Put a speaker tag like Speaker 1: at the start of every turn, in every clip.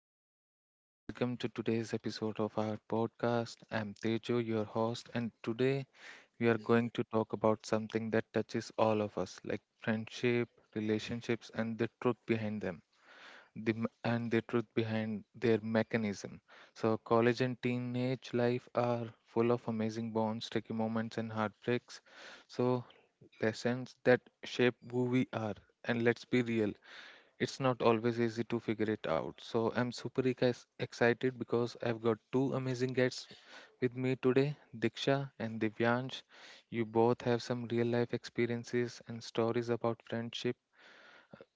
Speaker 1: Hello, everyone. Welcome to today's episode of our podcast. I'm Tejo, your host, and today we are going to talk about something that touches all of us, like friendship, relationships, and the truth behind them, and the truth behind their mechanism. So, college and teenage life are full of amazing bonds, tricky moments, and heartbreaks. So, lessons that shape who we are. And let's be real, it's not always easy to figure it out. So I'm super excited because I've got two amazing guests with me today, Diksha and Divyansh. You both have some real life experiences and stories about friendship,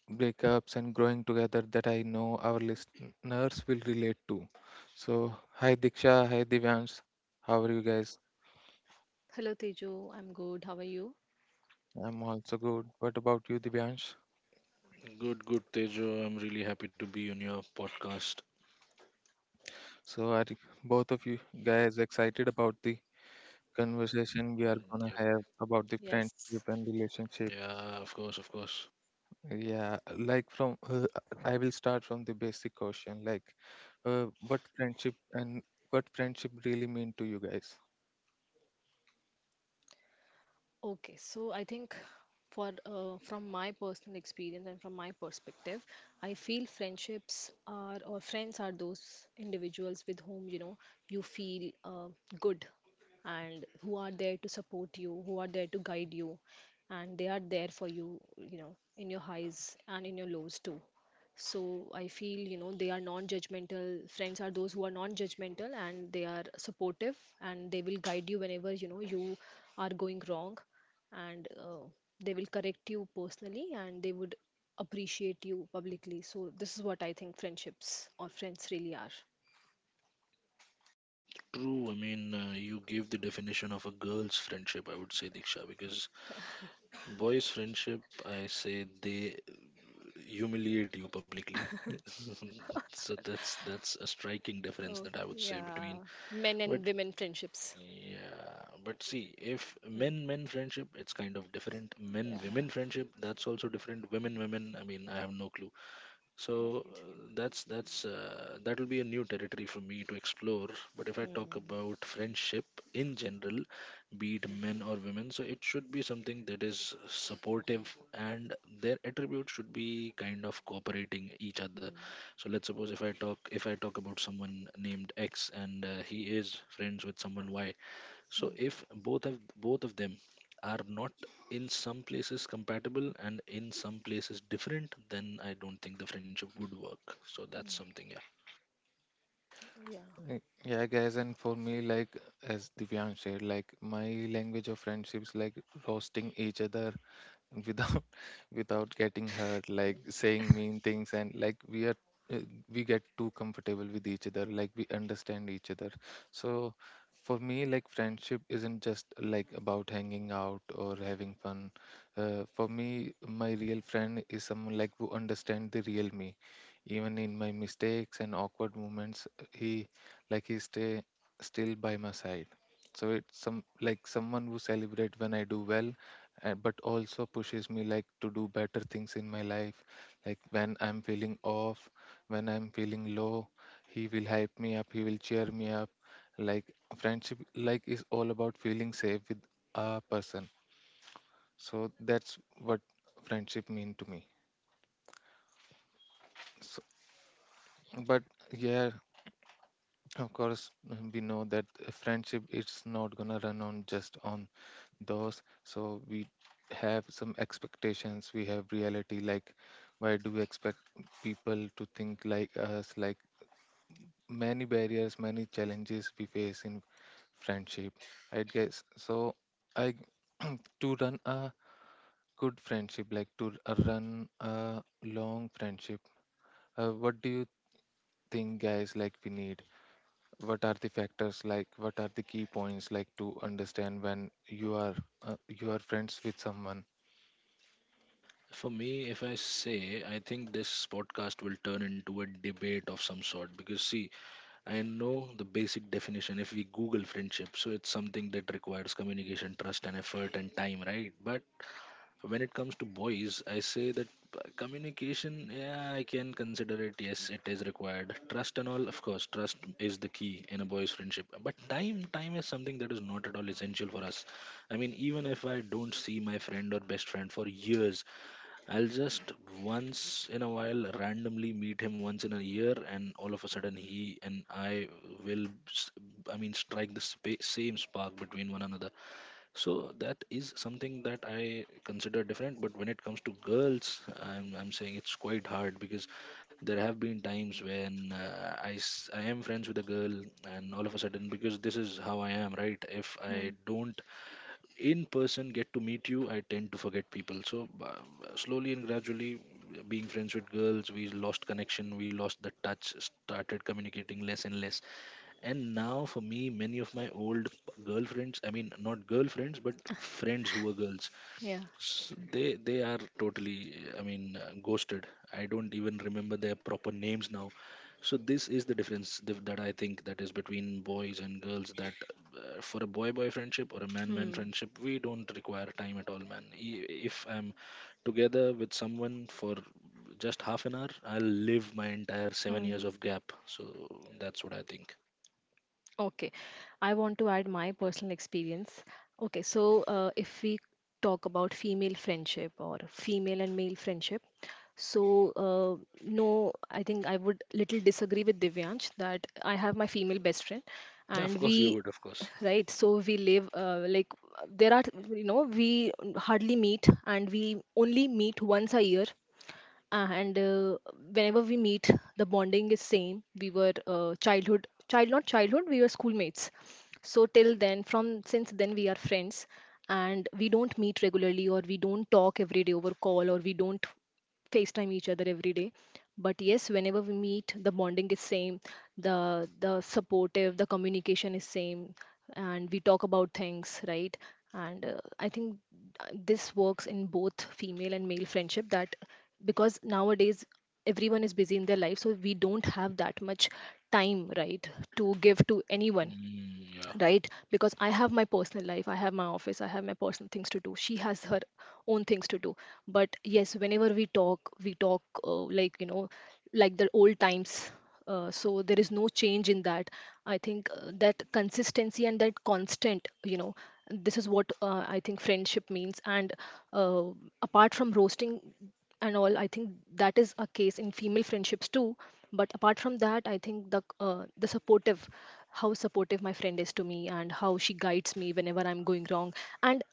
Speaker 1: breakups, and growing together that I know our listeners will relate to. So, hi Diksha, hi Divyansh. How are you guys?
Speaker 2: Hello Teju, I'm good. How are you?
Speaker 1: I'm also good. What about you, Divyansh?
Speaker 3: Good, good, Tejo. I'm really happy to be on your podcast.
Speaker 1: So, both of you guys excited about the conversation we are
Speaker 3: Mm,
Speaker 1: gonna
Speaker 3: yep.
Speaker 1: have about the friendship
Speaker 2: Yes.
Speaker 1: and relationship.
Speaker 3: Yeah, of course, of course.
Speaker 1: Yeah, like from I will start from the basic question, like uh, what friendship and what friendship really mean to you guys?
Speaker 2: Okay, so I think for from my personal experience and from my perspective, I feel friends are those individuals with whom you feel good, and who are there to support you, who are there to guide you, and they are there for you, you know, in your highs and in your lows too. So I feel, you know, they are non judgmental. Friends are those who are non judgmental and they are supportive, and they will guide you whenever, you know, you are going wrong, and they will correct you personally and they would appreciate you publicly. So this is what I think friendships or friends really are.
Speaker 3: True. I mean, you gave the definition of a girl's friendship, I would say, Diksha, because boys' friendship, I say they humiliate you publicly. So that's a striking difference
Speaker 2: Oh,
Speaker 3: that I would say between.
Speaker 2: yeah. Men
Speaker 3: But
Speaker 2: and women friendships.
Speaker 3: yeah, but see, if
Speaker 2: Hmm.
Speaker 3: men friendship, it's kind of different. Men women
Speaker 2: Yeah.
Speaker 3: friendship, that's also different. Women women, I mean, I have no clue. So
Speaker 2: Right.
Speaker 3: that's that will be a new territory for me to explore. But if I talk
Speaker 2: Hmm.
Speaker 3: about friendship in general, be it men or women, so it should be something that is supportive and their attributes should be kind of cooperating each other.
Speaker 2: Hmm.
Speaker 3: So let's suppose if I talk about someone named x and he is friends with someone y. So
Speaker 2: Hmm.
Speaker 3: if both of them are not in some places compatible and in some places different, then I don't think the friendship would work. So that's something, yeah.
Speaker 2: Yeah.
Speaker 1: Uh, Yeah, guys, and for me, like as Divyan shared, like my language of friendships, like roasting each other without without getting hurt, like saying mean things, and like uh, we get too comfortable with each other, like we understand each other. So for me, like friendship isn't just like about hanging out or having fun. For me, my real friend is someone like who understand the real me. Even in my mistakes and awkward moments, he, like, he stay still by my side. So it's some like someone who celebrate when I do well, and but also pushes me like to do better things in my life. Like when I'm feeling off, when I'm feeling low, he will hype me up, he will cheer me up. Like friendship, like, is all about feeling safe with a person. So that's what friendship mean to me. So, but yeah, of course, we know that friendship, it's not gonna run on just on those. So we have some expectations, we have reality. Like why do we expect people to think like us? Like many barriers, many challenges we face in friendship. Right, guys. So i, to run a good friendship, like to run a long friendship, what do you think, guys? Like we need, what are the factors, like what are the key points, like to understand when you are friends with someone.
Speaker 3: For me, if I say, I think this podcast will turn into a debate of some sort because, see, I know the basic definition if we Google friendship. So it's something that requires communication, trust, and effort and time, right? But when it comes to boys, I say that communication, yeah, I can consider it. Yes, it is required. Trust and all, of course, trust is the key in a boy's friendship. But time, time is something that is not at all essential for us. I mean, even if I don't see my friend or best friend for years, I'll just once in a while randomly meet him once in a year, and all of a sudden he and I will, I mean, strike the same spark between one another. So that is something that I consider different. But when it comes to girls I'm saying it's quite hard because there have been times when I am friends with a girl, and all of a sudden, because this is how I am, right? If I
Speaker 2: Hmm.
Speaker 3: don't in person get to meet you, I tend to forget people. So slowly and gradually, being friends with girls, we lost connection, we lost the touch, started communicating less and less. And now, for me, many of my old girlfriends, I mean, not girlfriends, but friends who were girls,
Speaker 2: Yeah.
Speaker 3: s they are totally, I mean, ghosted. I don't even remember their proper names now. So this is the difference that I think that is between boys and girls. That for a boy-boy friendship or a man-man
Speaker 2: Hmm.
Speaker 3: friendship, we don't require time at all, man. If I'm together with someone for just half an hour, I'll live my entire 7 years
Speaker 2: Hmm.
Speaker 3: of gap. So that's what I think.
Speaker 2: Okay, I want to add my personal experience. Okay, so if we talk about female friendship or female and male friendship, so no, I think I would little disagree with Divyansh that I have my female best friend,
Speaker 3: Yeah, of
Speaker 2: and
Speaker 3: course you would, of course.
Speaker 2: right, so we live like, there are, you know, we hardly meet, and we only meet once a year, and whenever we meet the bonding is same. We were childhood, child, not childhood, we were schoolmates. So till then, from since then, we are friends, and we don't meet regularly, or we don't talk every day over call, or we don't facetime each other every day. But yes, whenever we meet the bonding is same, the supportive, the communication is same, and we talk about things, right? And I think this works in both female and male friendship, that because nowadays everyone is busy in their life, so we don't have that much time, right, to give to anyone.
Speaker 3: Mm, yeah.
Speaker 2: Right, because I have my personal life, I have my office, I have my personal things to do, she has her own things to do. But yes, whenever we talk, like, you know, like the old times. So there is no change in that. I think that consistency and that constant, you know, this is what, I think, friendship means. And uh, apart from roasting and all, I think that is a case in female friendships too. But apart from that, I think the supportive, how supportive my friend is to me and how she guides me whenever I'm going wrong. And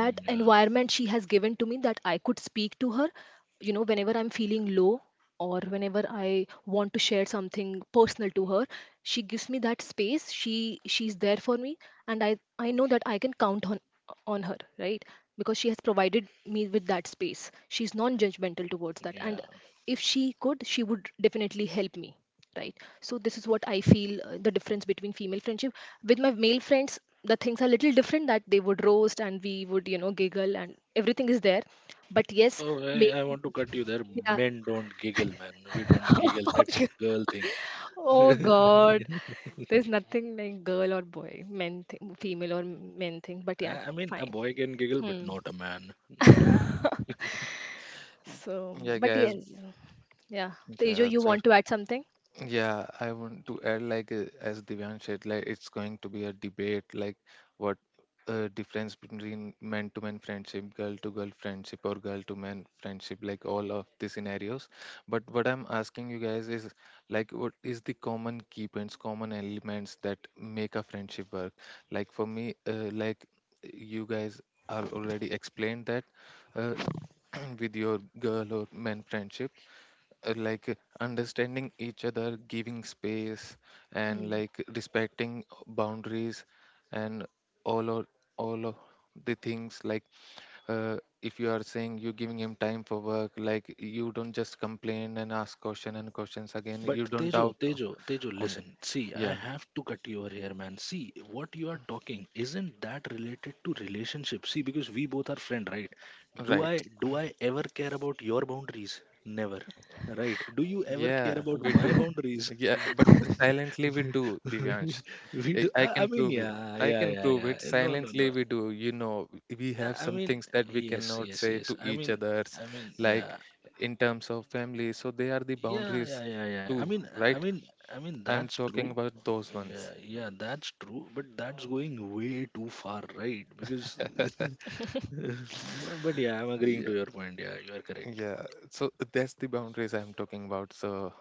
Speaker 2: that
Speaker 3: yeah.
Speaker 2: environment she has given to me, that I could speak to her, you know, whenever I'm feeling low or whenever I want to share something personal to her, she gives me that space. She's there for me, and I know that I can count on her, right? Because she has provided me with that space, she's non judgmental towards that. And
Speaker 3: Yeah.
Speaker 2: if she could, she would definitely help me, right? So this is what I feel, the difference between female friendship. With my male friends, the things are little different, that they would roast and we would, you know, giggle and everything is there. But
Speaker 3: No,
Speaker 2: yes, make
Speaker 3: I want to cut you there.
Speaker 2: yeah.
Speaker 3: Men don't giggle, man. We don't giggle. That's a girl thing.
Speaker 2: Oh God, there's nothing like girl or boy, men thing, female or men thing. But yeah,
Speaker 3: I mean, a
Speaker 2: fine.
Speaker 3: boy can giggle, but
Speaker 2: Hmm.
Speaker 3: not a man. Not a man.
Speaker 2: So,
Speaker 1: Yeah,
Speaker 2: but
Speaker 1: guys.
Speaker 2: yes, yeah. Tejo,
Speaker 1: Yeah,
Speaker 2: you
Speaker 1: sure.
Speaker 2: want to add something?
Speaker 1: Yeah, I want to add, like as Divyan said, like it's going to be a debate. Like what difference between man to man friendship, girl to girl friendship, or girl to man friendship, like all of the scenarios. But what I'm asking you guys is, like, what is the common key points, common elements that make a friendship work? Like for me, like, you guys are already explained that uh, with your girl or man friendship, uh, like uh, understanding each other, giving space, and
Speaker 2: Hmm.
Speaker 1: like respecting boundaries, and all of all of the things, like, uh, if you are saying you're giving him time for work, like you don't just complain and ask question and questions again,
Speaker 3: But
Speaker 1: you don't
Speaker 3: Tejo,
Speaker 1: doubt on
Speaker 3: Tejo, Tejo,
Speaker 1: on-
Speaker 3: listen. See, I
Speaker 1: Yeah,
Speaker 3: have to cut you over here, man. See, what you are talking isn't that related to relationship? See, because we both are friend, right? Do
Speaker 1: right.
Speaker 3: I do I ever care about your boundaries? Never, right? Do you ever care
Speaker 1: Yeah,
Speaker 3: about
Speaker 1: we
Speaker 3: my
Speaker 1: do.
Speaker 3: boundaries?
Speaker 1: Yeah,
Speaker 3: Yeah.
Speaker 1: but silently we do,
Speaker 3: we,
Speaker 1: Divyansh.
Speaker 3: we
Speaker 1: I
Speaker 3: do.
Speaker 1: I
Speaker 3: I
Speaker 1: can
Speaker 3: mean,
Speaker 1: prove it.
Speaker 3: yeah,
Speaker 1: I
Speaker 3: yeah,
Speaker 1: can
Speaker 3: yeah,
Speaker 1: prove
Speaker 3: yeah.
Speaker 1: it.
Speaker 3: No, no,
Speaker 1: Silently
Speaker 3: no.
Speaker 1: we do. We
Speaker 3: Yeah,
Speaker 1: have
Speaker 3: I
Speaker 1: some
Speaker 3: mean,
Speaker 1: things that we
Speaker 3: yes,
Speaker 1: cannot
Speaker 3: yes,
Speaker 1: say
Speaker 3: yes.
Speaker 1: to each others,
Speaker 3: I mean,
Speaker 1: like
Speaker 3: yeah,
Speaker 1: in terms of family. So they are the
Speaker 3: yeah,
Speaker 1: boundaries
Speaker 3: yeah, yeah, yeah. I
Speaker 1: too,
Speaker 3: mean, I
Speaker 1: right?
Speaker 3: mean, I mean,
Speaker 1: I'm
Speaker 3: that's true.
Speaker 1: talking about those ones.
Speaker 3: Yeah, yeah, that's true, but that's going way too far, right? Because, but yeah, I'm agreeing
Speaker 1: Yeah,
Speaker 3: to your point. Yeah, you are correct.
Speaker 1: yeah. So that's the boundaries I'm talking about. So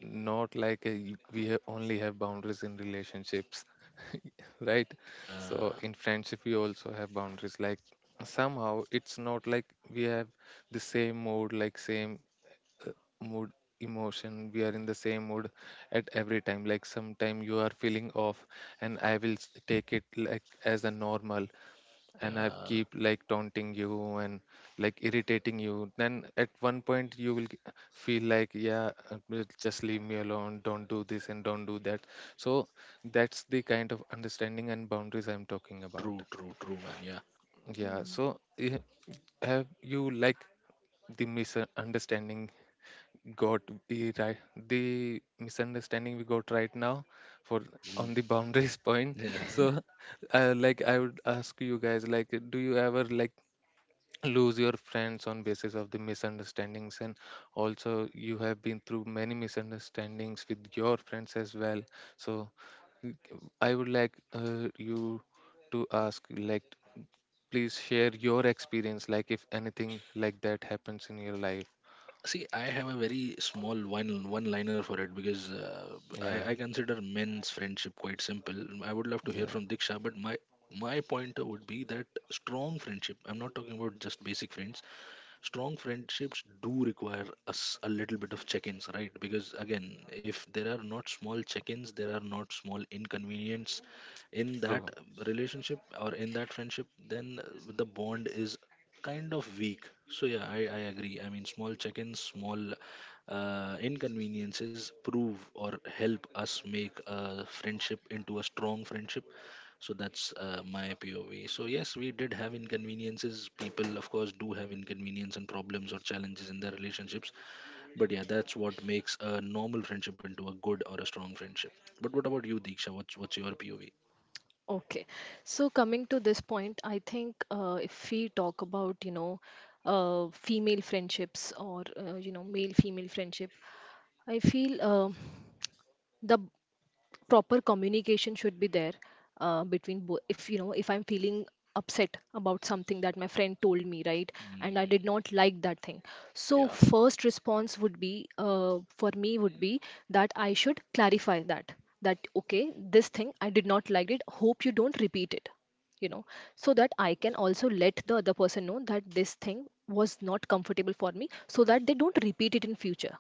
Speaker 1: not like a, y- we ha- only have boundaries in relationships, right? So
Speaker 3: Yeah,
Speaker 1: in friendship we also have boundaries. Like somehow it's not like we have the same mood, like same uh, mood, emotion. We are in the same mood at every time. Like sometime you are feeling off and I will take it like as a normal, and I've
Speaker 3: yeah,
Speaker 1: keep like taunting you and like irritating you, then at one point you will feel like, yeah, will just leave me alone, don't do this and don't do that. So that's the kind of understanding and boundaries I'm talking about.
Speaker 3: true, true, true, man. Yeah.
Speaker 1: Yeah.
Speaker 2: Hmm.
Speaker 1: So have you, like, the misunderstanding got the right, the misunderstanding we got right now, for on
Speaker 3: Mhm.
Speaker 1: the boundaries point.
Speaker 3: Yeah.
Speaker 1: So like, I would ask you guys, like, do you ever like lose your friends on basis of the misunderstandings, and also you have been through many misunderstandings with your friends as well. So y- I would like you to ask, like, please share your experience, like if anything like that happens in your life.
Speaker 3: See, I have a very small one liner for it because
Speaker 1: Yeah.
Speaker 3: I consider men's friendship quite simple. I would love to hear
Speaker 1: Yeah.
Speaker 3: from Diksha, but my pointer would be that strong friendship. I'm not talking about just basic friends. Strong friendships do require us a little bit of check-ins, right? Because again, if there are not small check-ins, there are not small inconvenience in that
Speaker 1: True.
Speaker 3: relationship or in that friendship, then the bond is kind of weak. So yeah, I agree. I mean, small check-ins, small inconveniences prove or help us make a friendship into a strong friendship. So that's my POV. So yes, we did have inconveniences. People of course do have inconvenience and problems or challenges in their relationships. But yeah, that's what makes a normal friendship into a good or a strong friendship. But what about you, Diksha? What's your POV?
Speaker 2: Okay. So coming to this point, I think if we talk about, you know, female friendships, or, you know, male-female friendship, I feel the proper communication should be there between both. If, you know, if I'm feeling upset about something that my friend told me, right, and I did
Speaker 3: Mm,
Speaker 2: not like that thing, so
Speaker 3: yeah.
Speaker 2: first response would be, for me would be, that I should clarify that, that okay, this thing I did not like, it hope you don't repeat it, you know, so that I can also let the other person know that this thing was not comfortable for me, so that they don't repeat it in future,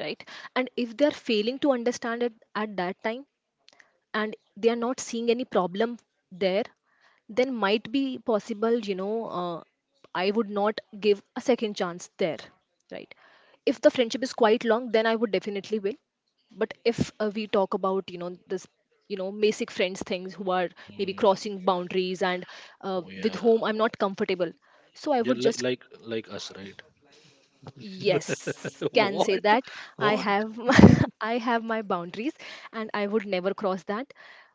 Speaker 2: right? And if they are failing to understand it at that time, and they are not seeing any problem there, then might be possible, you know, I would not give a second chance there, right? If the friendship is quite long, then I would definitely will. But if we talk about, you know, this, you know, basic friends things who are maybe
Speaker 3: Mm.
Speaker 2: crossing boundaries, and
Speaker 3: Oh
Speaker 2: with
Speaker 3: yeah.
Speaker 2: whom I'm not comfortable, so I
Speaker 3: Yeah,
Speaker 2: would
Speaker 3: like
Speaker 2: just...
Speaker 3: like like us, right?
Speaker 2: Yes, can say
Speaker 3: What,
Speaker 2: that. I
Speaker 3: what?
Speaker 2: have I have my boundaries, and I would never cross that,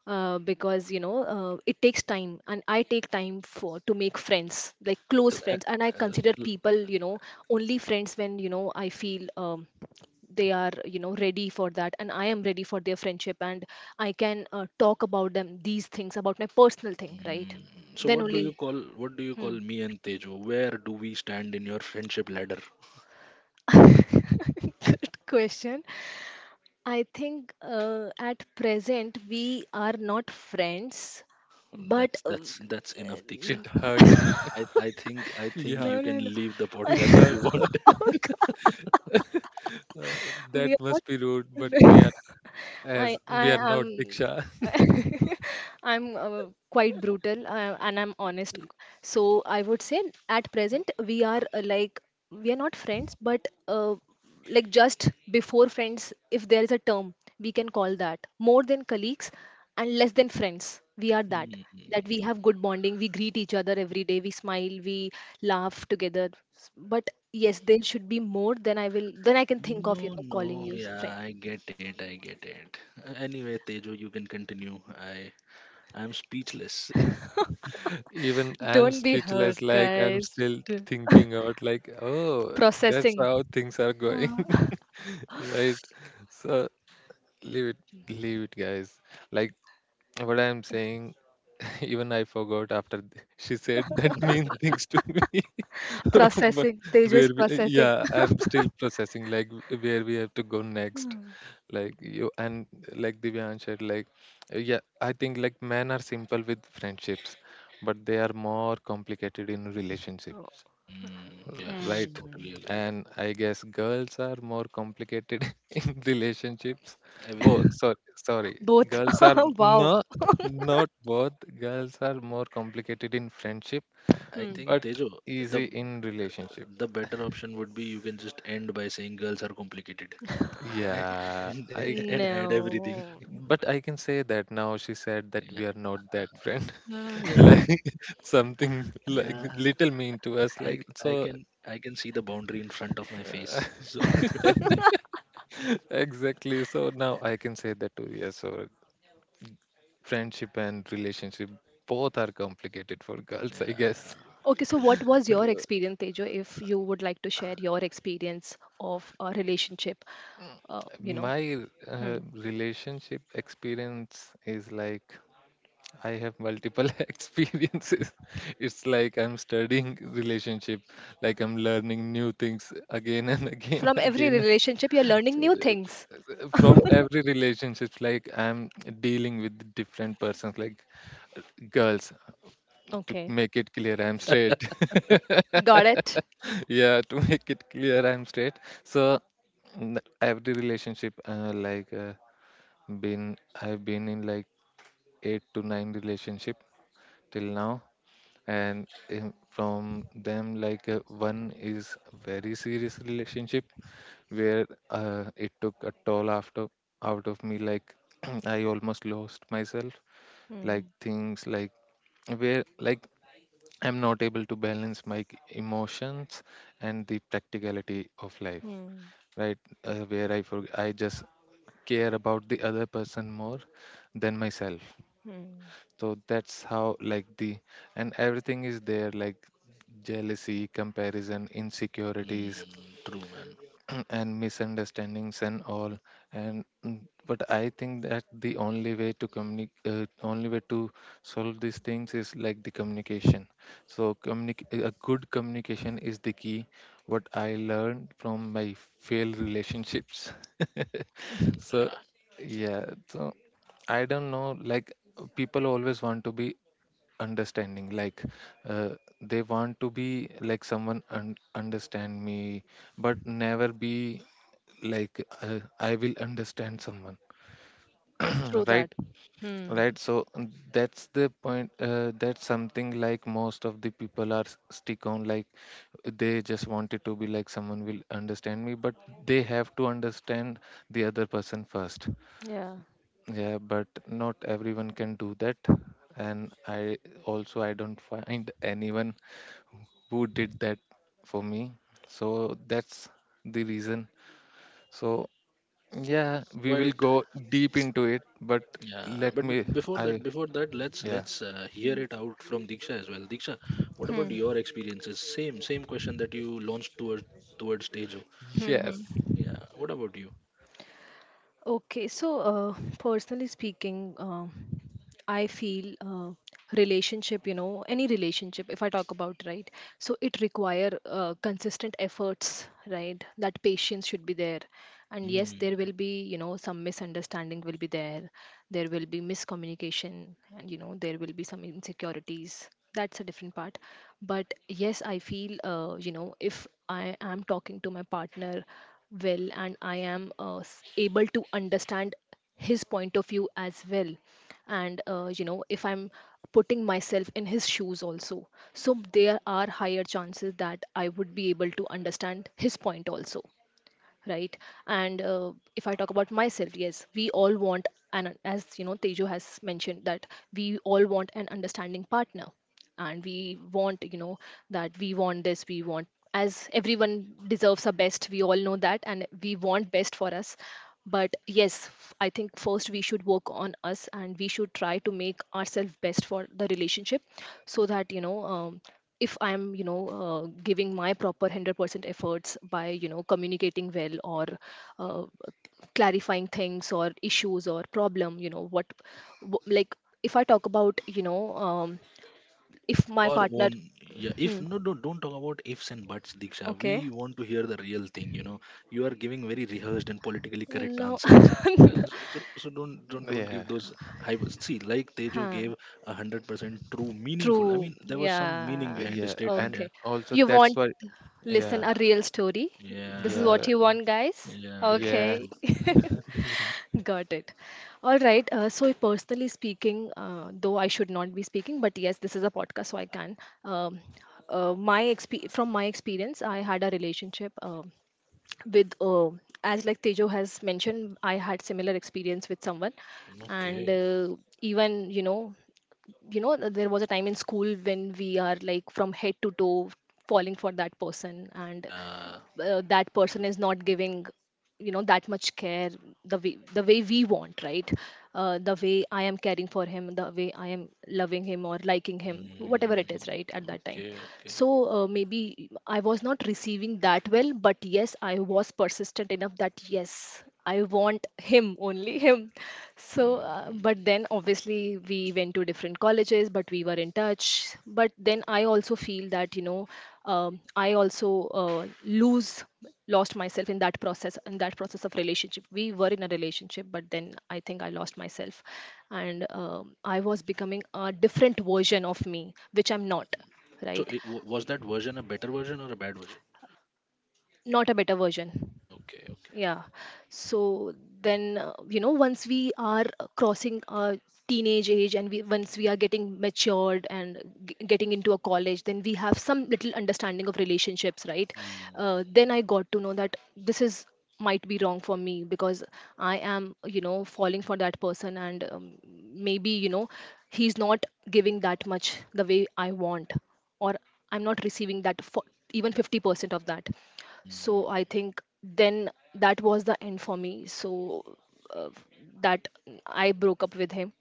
Speaker 2: because, you know, it takes time, and I take time for to make friends, like
Speaker 3: Yeah.
Speaker 2: close friends. And I consider people, you know, only friends when, you know, I feel, they are, you know, ready for that, and I am ready for their friendship, and I can talk about them, these things, about my personal thing, right?
Speaker 3: Mm, so
Speaker 2: Then
Speaker 3: what do you
Speaker 2: only...
Speaker 3: call what do you
Speaker 2: Hmm.
Speaker 3: call me and Tejo, where do we stand in your friendship ladder?
Speaker 2: Good question. I think at present we are not friends, but
Speaker 3: That's that's enough, Diksha.
Speaker 1: It hurts me.
Speaker 3: I I think I think
Speaker 1: Yeah,
Speaker 2: no,
Speaker 3: you can
Speaker 2: no, no,
Speaker 3: leave the
Speaker 1: it
Speaker 3: podcast if you
Speaker 1: hurts.
Speaker 3: want.
Speaker 1: Uh, that
Speaker 2: we are
Speaker 1: must be rude, but
Speaker 2: not.
Speaker 1: as
Speaker 2: I
Speaker 1: we
Speaker 2: I
Speaker 1: are not
Speaker 2: am
Speaker 1: Diksha.
Speaker 2: I'm quite brutal, and I'm honest. So I would say, at present we are, like, we are not friends, but like just before friends, if there is a term, we can call that more than colleagues and less than friends. We are that, that we
Speaker 3: Hmm.
Speaker 2: have good bonding. We greet each other every day. We smile. We laugh together. But yes, there should be more than I will. Then I can think of, you
Speaker 3: No,
Speaker 2: know, calling
Speaker 3: no,
Speaker 2: you friend.
Speaker 3: yeah, I get it, I get it. Anyway, Tejo, you can continue. I I'm speechless.
Speaker 1: Even I'm
Speaker 2: Don't be hurt,
Speaker 1: speechless, like I'm
Speaker 2: guys.
Speaker 1: still
Speaker 2: D-
Speaker 1: thinking out like, oh, that's
Speaker 2: Processing.
Speaker 1: how things are going.
Speaker 2: Uh,
Speaker 1: Right? So leave it, leave it, guys. Like what I'm saying, even I forgot after th- she said that mean things to me. But
Speaker 2: processing. Teju is processing.
Speaker 1: yeah, I'm still processing like where we have to go next.
Speaker 2: Mm.
Speaker 1: Like you and like Divyan said, like yeah, I think like men are simple with friendships, but they are more complicated in
Speaker 2: Oh.
Speaker 1: relationships.
Speaker 3: Mm, yes,
Speaker 1: Right.
Speaker 3: totally agreed.
Speaker 1: And I guess girls are more complicated in relationships. Oh,
Speaker 3: Everything.
Speaker 1: sorry, sorry.
Speaker 2: Both.
Speaker 1: Girls are
Speaker 2: Wow.
Speaker 1: no, not both. Girls are more complicated in friendship,
Speaker 3: I
Speaker 2: Hmm.
Speaker 3: think
Speaker 1: but
Speaker 3: Tejo, the
Speaker 1: easy in relationship.
Speaker 3: the better option would be you can just end by saying girls are complicated,
Speaker 1: Yeah, I
Speaker 3: and
Speaker 1: can.
Speaker 3: add everything.
Speaker 2: No.
Speaker 1: But I can say that now she said that
Speaker 3: Yeah.
Speaker 1: we are not that friend.
Speaker 3: Ah, yeah.
Speaker 1: Like something like
Speaker 3: Yeah.
Speaker 1: little mean to us.
Speaker 3: I
Speaker 1: Like
Speaker 3: c-
Speaker 1: so,
Speaker 3: I can see the boundary in front of my
Speaker 1: uh,
Speaker 3: face. So
Speaker 1: exactly. So now I can say that too. Yes, so friendship and relationship, both are complicated for girls, I guess.
Speaker 3: yeah,
Speaker 2: Okay, so
Speaker 3: true,
Speaker 2: what was your experience, Tejo, if you would like to share your experience of a relationship? You know.
Speaker 1: My
Speaker 2: Hmm.
Speaker 1: relationship experience is like I have multiple experiences. It's like I'm studying relationship, like I'm learning new things again and again
Speaker 2: From every
Speaker 1: again
Speaker 2: relationship, you're learning new things.
Speaker 1: From every relationship, like I'm dealing with different persons, like girls. To
Speaker 2: Okay,
Speaker 1: make it clear, I'm straight.
Speaker 2: got it.
Speaker 1: Yeah, to make it clear, I'm straight. So every relationship like been I've been in like eight to nine relationship till now, and from them, like, one is very serious relationship, where it took a toll after out of me. Like I almost lost myself. Like
Speaker 2: Hmm.
Speaker 1: things like where, like, I'm not able to balance my emotions and the practicality of life,
Speaker 2: Hmm.
Speaker 1: right? Where I just care about the other person more than myself.
Speaker 2: Hmm.
Speaker 1: So that's how, like, the and everything is there, like jealousy, comparison, insecurities,
Speaker 3: mm, true, man.
Speaker 1: and misunderstandings and all, and but I think that the only way to communicate, only way to solve these things is like the communication. So a good communication is the key, what I learned from my failed relationships. So yeah, so I don't know, like, people always want to be understanding. Like uh, they want to be like someone understand me, but never be like, I will understand someone.
Speaker 2: Through that.
Speaker 1: Right.
Speaker 2: Hmm.
Speaker 1: Right, so that's the point. That's something, like, most of the people are stick on, like they just wanted to be like someone will understand me, but they have to understand the other person first.
Speaker 2: Yeah.
Speaker 1: Yeah, but not everyone can do that, and I also I don't find anyone who did that for me. So that's the reason. So yeah, we will
Speaker 3: Quite
Speaker 1: go deep into it, but
Speaker 3: yeah.
Speaker 1: let
Speaker 3: But
Speaker 1: me I
Speaker 3: before that,
Speaker 1: yeah.
Speaker 3: let's hear
Speaker 2: Hmm.
Speaker 3: it out from Diksha as well. Diksha, what about
Speaker 2: Hmm.
Speaker 3: your experiences? Same same question that you launched towards towards Tejo.
Speaker 2: Hmm.
Speaker 1: Yes.
Speaker 3: Yeah. What about you?
Speaker 2: Okay, so personally speaking, I feel relationship, you know, any relationship, if I talk about, right, so it require consistent efforts, right? That patience should be there, and yes, there
Speaker 3: Mm.
Speaker 2: will be, you know, some misunderstanding will be there, there will be miscommunication, and, you know, there will be some insecurities. That's a different part, but yes, I feel, you know, if I am talking to my partner well, and I am able to understand his point of view as well. And you know, if I'm putting myself in his shoes also, so there are higher chances that I would be able to understand his point also, right? And if I talk about myself, yes, we all want, and as you know, Teju has mentioned, that we all want an understanding partner, and we want, you know, that, we want this, we want, as everyone deserves our best, we all know that, and we want best for us. But yes, I think first we should work on us, and we should try to make ourselves best for the relationship. So that, you know, if I'm, you know, giving my proper 100% efforts by, you know, communicating well, or uh, clarifying things or issues or problem, you know, what, like, if I talk about, you know, if my
Speaker 3: Your
Speaker 2: partner...
Speaker 3: own. Yeah, if
Speaker 2: Hmm.
Speaker 3: no, no, don't talk about ifs and buts, Diksha. We
Speaker 2: Okay.
Speaker 3: want to hear the real thing, you know. You are giving very rehearsed and politically correct
Speaker 2: No.
Speaker 3: answers. So, don't don't give
Speaker 1: Yeah.
Speaker 3: those high. See, like Tejo
Speaker 2: Huh.
Speaker 3: gave 100% true meaningful, I
Speaker 2: True.
Speaker 3: mean, there was some meaning
Speaker 2: Yeah.
Speaker 3: behind the
Speaker 1: Yeah.
Speaker 3: statement.
Speaker 1: And
Speaker 3: Yeah,
Speaker 2: Okay.
Speaker 1: also
Speaker 2: You
Speaker 1: that's
Speaker 2: want
Speaker 1: why yeah.
Speaker 2: listen a
Speaker 3: yeah,
Speaker 2: real story? This is
Speaker 3: yeah,
Speaker 2: what
Speaker 1: Yeah.
Speaker 2: you want, guys.
Speaker 3: yeah, yeah, yeah,
Speaker 1: Yeah.
Speaker 2: Okay.
Speaker 3: true.
Speaker 2: Got it. All right. So, personally speaking, though I should not be speaking, but yes, this is a podcast, so I can. Um, from my experience, I had a relationship with, as like Tejo has mentioned, I had similar experience with someone, and
Speaker 3: Okay.
Speaker 2: even, you know, you know, there was a time in school when we are like from head to toe falling for that person, and
Speaker 3: Yeah.
Speaker 2: that person is not giving, you know, that much care, the way we want, right? The way I am caring for him, the way I am loving him or liking him, whatever it
Speaker 3: Mm,
Speaker 2: is, right, at that time.
Speaker 3: okay, okay.
Speaker 2: So maybe I was not receiving that well, but yes, I was persistent enough that, yes, I want him, only him. So
Speaker 3: Mm.
Speaker 2: but then obviously we went to different colleges, but we were in touch. But then I also feel that, you know, I also lost myself in that process of relationship. We were in a relationship, but then I think I lost myself. And I was becoming a different version of me, which I'm not,
Speaker 3: So
Speaker 2: right?
Speaker 3: it, was that version a better version or a bad version?
Speaker 2: Not a better version.
Speaker 3: Okay, okay.
Speaker 2: Yeah. So then, you know, once we are crossing our teenage age, and we once we are getting matured and getting into a college, then we have some little understanding of relationships, right?
Speaker 3: Mm.
Speaker 2: Then I got to know that this is might be wrong for me, because I am, you know, falling for that person, and maybe, you know, he's not giving that much the way I want, or I'm not receiving that for even 50% of that.
Speaker 3: Mm,
Speaker 2: So I think then that was the end for me. So uh, that, I broke up with him,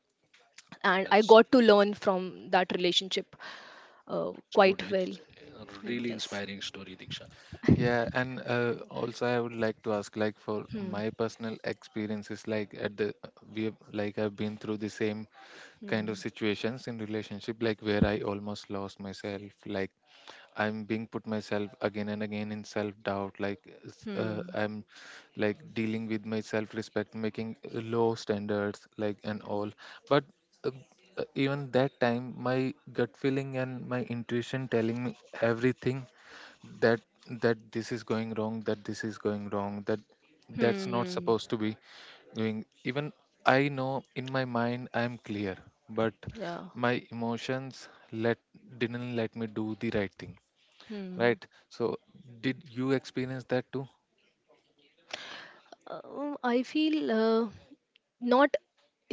Speaker 2: and I
Speaker 3: that's
Speaker 2: got to learn from that relationship
Speaker 3: it's good.
Speaker 2: quite well.
Speaker 3: It's a really
Speaker 2: Yes.
Speaker 3: inspiring story, Diksha.
Speaker 1: Yeah. And also, I would like to ask, like, for
Speaker 2: Hmm.
Speaker 1: my personal experiences, like at the we have, like, I've been through the same kind of
Speaker 2: Hmm.
Speaker 1: situations in relationship, like where I almost lost myself, like I'm being put myself again and again in self doubt. Like
Speaker 2: Hmm.
Speaker 1: I'm like dealing with my self respect, making low standards, like, and all. But uh, even that time, my gut feeling and my intuition telling me everything, that that this is going wrong, that this is going wrong, that's not
Speaker 2: Hmm.
Speaker 1: supposed to be doing. Even I know in my mind I'm clear, but
Speaker 2: Yeah.
Speaker 1: my emotions let didn't let me do the right thing,
Speaker 2: Hmm.
Speaker 1: right? So did you experience that too?
Speaker 2: I feel not,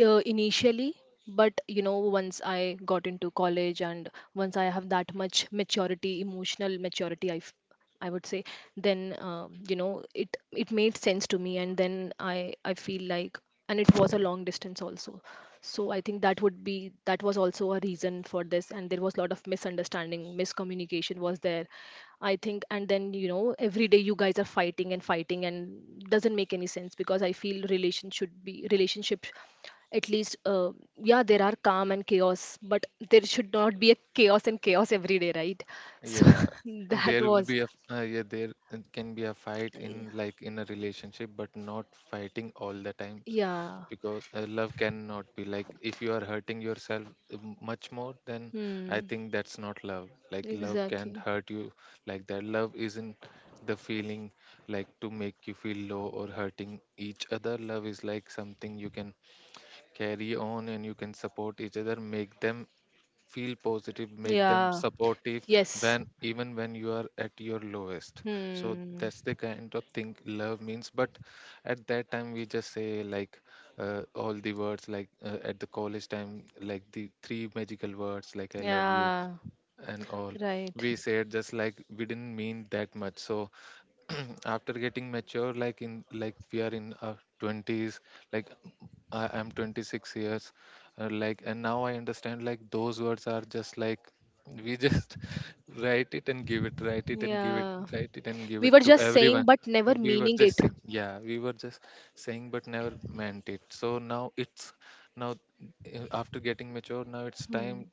Speaker 2: initially, but you know, once I got into college, and once I have that much maturity, emotional maturity, I would say, then you know, it made sense to me, and then I feel like, and it was a long distance also, so I think that would be, that was also a reason for this, and there was a lot of misunderstanding, miscommunication was there, I think, and then, you know, every day you guys are fighting and fighting, and doesn't make any sense, because I feel relation should be relationship, at least, yeah, there are calm and chaos, but there should not be a chaos and chaos every day, right? So
Speaker 1: Yeah,
Speaker 2: that
Speaker 1: there will
Speaker 2: was,
Speaker 1: be a yeah, there, it can be a fight in, like, in a relationship, but not fighting all the times,
Speaker 2: yeah.
Speaker 1: because love cannot be, like, if you are hurting yourself much more, then I
Speaker 2: Hmm.
Speaker 1: think that's not love. Like love can
Speaker 2: Exactly.
Speaker 1: hurt you like that. Love isn't the feeling like to make you feel low or hurting each other. Love is like something you can carry on and you can support each other, make them feel positive, make them
Speaker 2: Yeah.
Speaker 1: supportive
Speaker 2: Yes.
Speaker 1: when, even when you are at your lowest. So
Speaker 2: Hmm.
Speaker 1: that's the kind of thing love means. But at that time we just say, all the words, at the college time, like the three magical words, like I love you
Speaker 2: Yeah.
Speaker 1: and all.
Speaker 2: Right.
Speaker 1: We said just like we didn't mean that much. So after getting mature, like we are in our 20s, like I am 26 years. Like, and now I understand, like, those words are just like, we just write it and give it, write it and give it,
Speaker 2: Yeah.
Speaker 1: write it and give
Speaker 2: We
Speaker 1: it
Speaker 2: were
Speaker 1: to
Speaker 2: just
Speaker 1: everyone.
Speaker 2: saying, but never
Speaker 1: We were
Speaker 2: meaning
Speaker 1: just
Speaker 2: it.
Speaker 1: saying, yeah, we were just saying, but never meant it. So now it's, now after getting mature, now it's time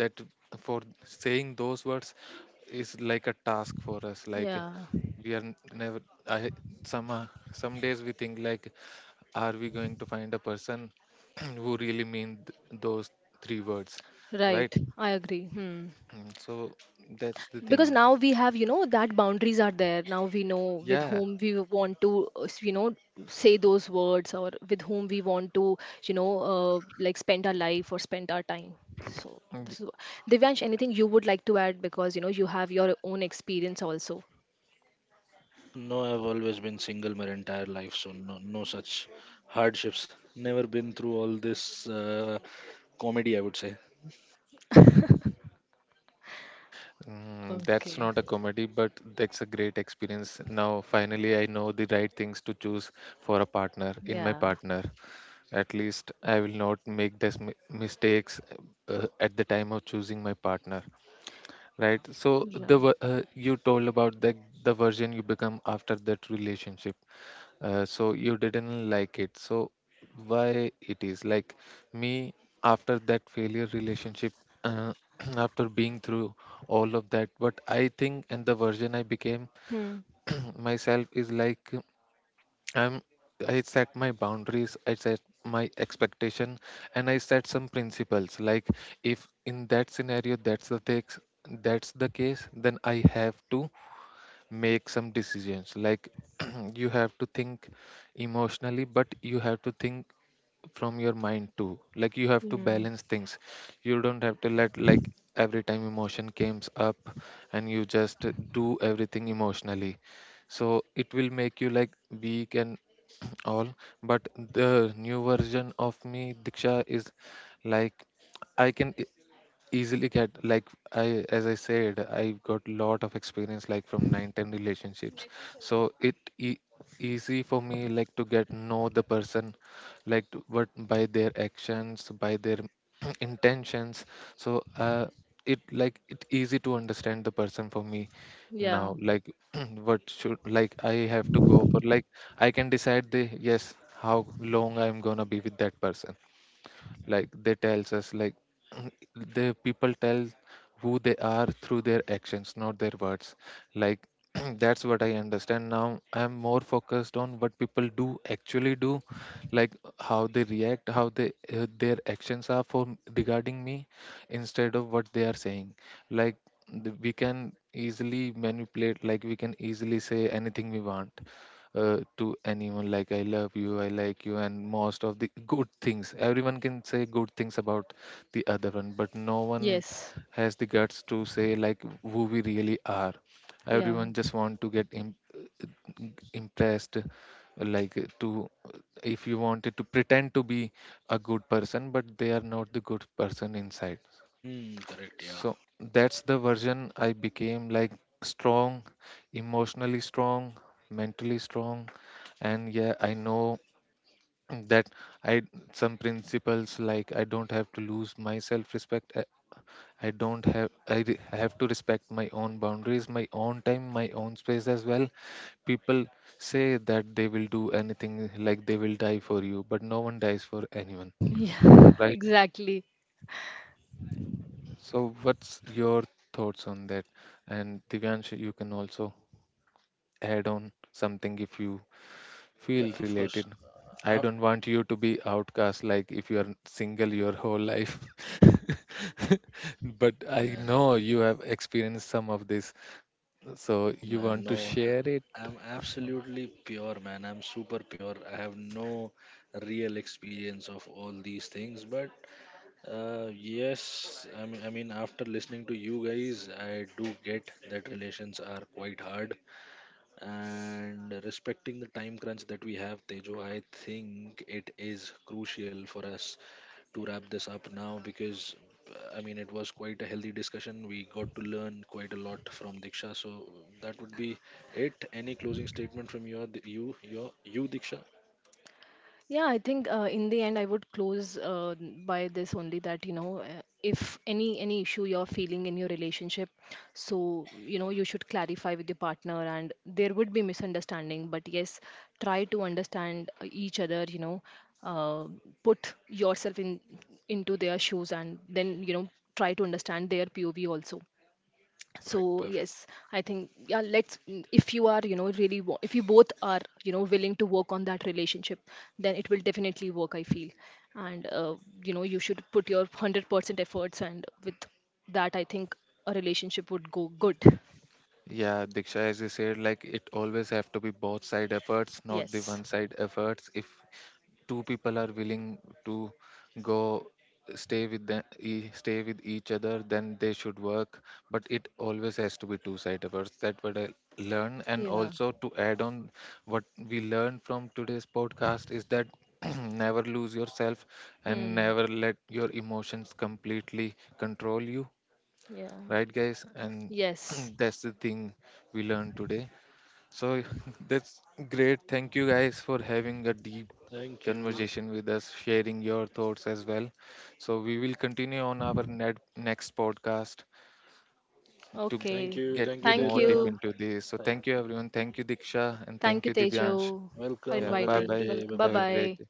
Speaker 1: that, for saying those words, is like a task for us. Like,
Speaker 2: Yeah.
Speaker 1: we are n- never, I somehow, some days we think, like, are we going to find a person who really mean those three words, right?
Speaker 2: Right, I agree. Hmm.
Speaker 1: Mm, so that's the
Speaker 2: Because
Speaker 1: thing,
Speaker 2: now we have, you know, that boundaries are there. Now we know with
Speaker 1: yeah.
Speaker 2: whom we want to, you know, say those words, or with whom we want to, you know, like spend our life or spend our time. So
Speaker 1: Mm,
Speaker 2: this is Divyansh. Anything you would like to add, because you know you have your own experience also.
Speaker 3: Oh, no, I've always been single my entire life, so no, no such hardships. Never been through all this comedy, I would say.
Speaker 1: mm, that's
Speaker 2: Okay.
Speaker 1: not a comedy, but that's a great experience. Now finally I know the right things to choose for a partner, in my
Speaker 2: Yeah.
Speaker 1: partner. At least I will not make these mistakes at the time of choosing my partner, right? So
Speaker 2: Yeah.
Speaker 1: you told about the version you become after that relationship. So you didn't like it. So why it is like me after that failure relationship, uh, after being through all of that, what I think and the version I became
Speaker 2: Hmm.
Speaker 1: myself is like, I'm I set my boundaries, I set my expectation, and I set some principles. Like, if in that scenario that's the things, that's the case, then I have to make some decisions. Like, you have to think emotionally, but you have to think from your mind too. Like, you have to
Speaker 2: Hmm.
Speaker 1: balance things. You don't have to let, like, every time emotion comes up, and you just do everything emotionally. So it will make you like weak and all. But the new version of me, Diksha, is like, I can easily get, like, I, as I said, I've got lot of experience, like from 9 10 relationships. So easy for me, like, to get know the person, like but by their actions, by their intentions. So uh, it like, it easy to understand the person for me now.
Speaker 2: Yeah.
Speaker 1: Like, what should, like, I have to go for, like I can decide the, yes, how long I'm gonna be with that person. Like, they tells us, like, the people tell who they are through their actions, not their words. Like, that's what I understand now. I'm more focused on what people do, actually do. Like, how they react, how they their actions are for, regarding me, instead of what they are saying. Like, we can easily manipulate. Like, we can easily say anything we want to anyone, like I love you, I like you, and most of the good things. Everyone can say good things about the other one, but no one
Speaker 2: Yes.
Speaker 1: has the guts to say, like, who we really are.
Speaker 2: Yeah.
Speaker 1: Everyone just want to get impressed. Like, to, if you wanted to pretend to be a good person, but they are not the good person inside.
Speaker 3: Mm, correct. Yeah.
Speaker 1: So that's the version I became, like strong, emotionally strong, mentally strong. And yeah, I know that, I some principles, like I don't have to lose my self-respect. I don't have I re- I have to respect my own boundaries, my own time, my own space as well. People say that they will do anything, like they will die for you, but no one dies for anyone,
Speaker 2: Yeah.
Speaker 1: right?
Speaker 2: Exactly.
Speaker 1: So what's your thoughts on that? And Divyansh, you can also add on something if you feel
Speaker 3: Yeah. Of
Speaker 1: related.
Speaker 3: course.
Speaker 1: I
Speaker 3: Uh,
Speaker 1: don't want you to be outcast, like if you are single your whole life. But I
Speaker 3: yeah.
Speaker 1: know you have experienced some of this, so
Speaker 3: No,
Speaker 1: you
Speaker 3: man,
Speaker 1: want to
Speaker 3: no.
Speaker 1: share it.
Speaker 3: I'm absolutely pure, man. I'm super pure. I have no real experience of all these things, but yes, I mean, after listening to you guys, I do get that relations are quite hard, and respecting the time crunch that we have, Tejo, I think it is crucial for us to wrap this up now because I mean, it was quite a healthy discussion. We got to learn quite a lot from Diksha. So that would be it. Any closing statement from you, Diksha?
Speaker 2: Yeah, I think in the end I would close by this only, that you know, if any issue you're feeling in your relationship, so you know, you should clarify with your partner, and there would be misunderstanding, but yes, try to understand, each other. You know, uh, put yourself in into their shoes, and then, you know, try to understand their POV also. So
Speaker 3: Perfect, perfect.
Speaker 2: yes, I think, yeah, let's, if you are, you know, really if you both are, you know, willing to work on that relationship, then it will definitely work, I feel. And you know, you should put your 100% efforts, and with that I think a relationship would go good.
Speaker 1: Yeah, Diksha, as you said, like it always have to be both side efforts, not the
Speaker 2: Yes.
Speaker 1: one side efforts. If two people are willing to go, stay with them stay with each other, then they should work. But it always has to be two sided first. That what I learn. And
Speaker 2: Yeah.
Speaker 1: also to add on what we learned from today's podcast is that never lose yourself and
Speaker 2: Hmm.
Speaker 1: never let your emotions completely control you,
Speaker 2: Yeah.
Speaker 1: right guys? And
Speaker 2: Yes.
Speaker 1: that's the thing we learned today. So that's great. Thank you guys for having a deep
Speaker 3: Thank you.
Speaker 1: conversation with us, sharing your thoughts as well. So we will continue on our next podcast to
Speaker 3: Thank
Speaker 2: Okay.
Speaker 3: you.
Speaker 1: get
Speaker 3: Thank you,
Speaker 2: Thank
Speaker 1: more deep
Speaker 3: Teja.
Speaker 2: you.
Speaker 1: into this. So thank you everyone. Thank you Diksha and
Speaker 2: Thank
Speaker 1: thank
Speaker 2: you,
Speaker 1: you
Speaker 2: Tejo,
Speaker 1: Divyansh.
Speaker 2: for
Speaker 3: Welcome.
Speaker 1: Yeah,
Speaker 3: Have a
Speaker 1: bye
Speaker 3: great
Speaker 2: inviting.
Speaker 1: bye.
Speaker 3: day. Bye
Speaker 2: Welcome. Bye
Speaker 1: Have a
Speaker 3: bye.
Speaker 2: bye.
Speaker 1: great day.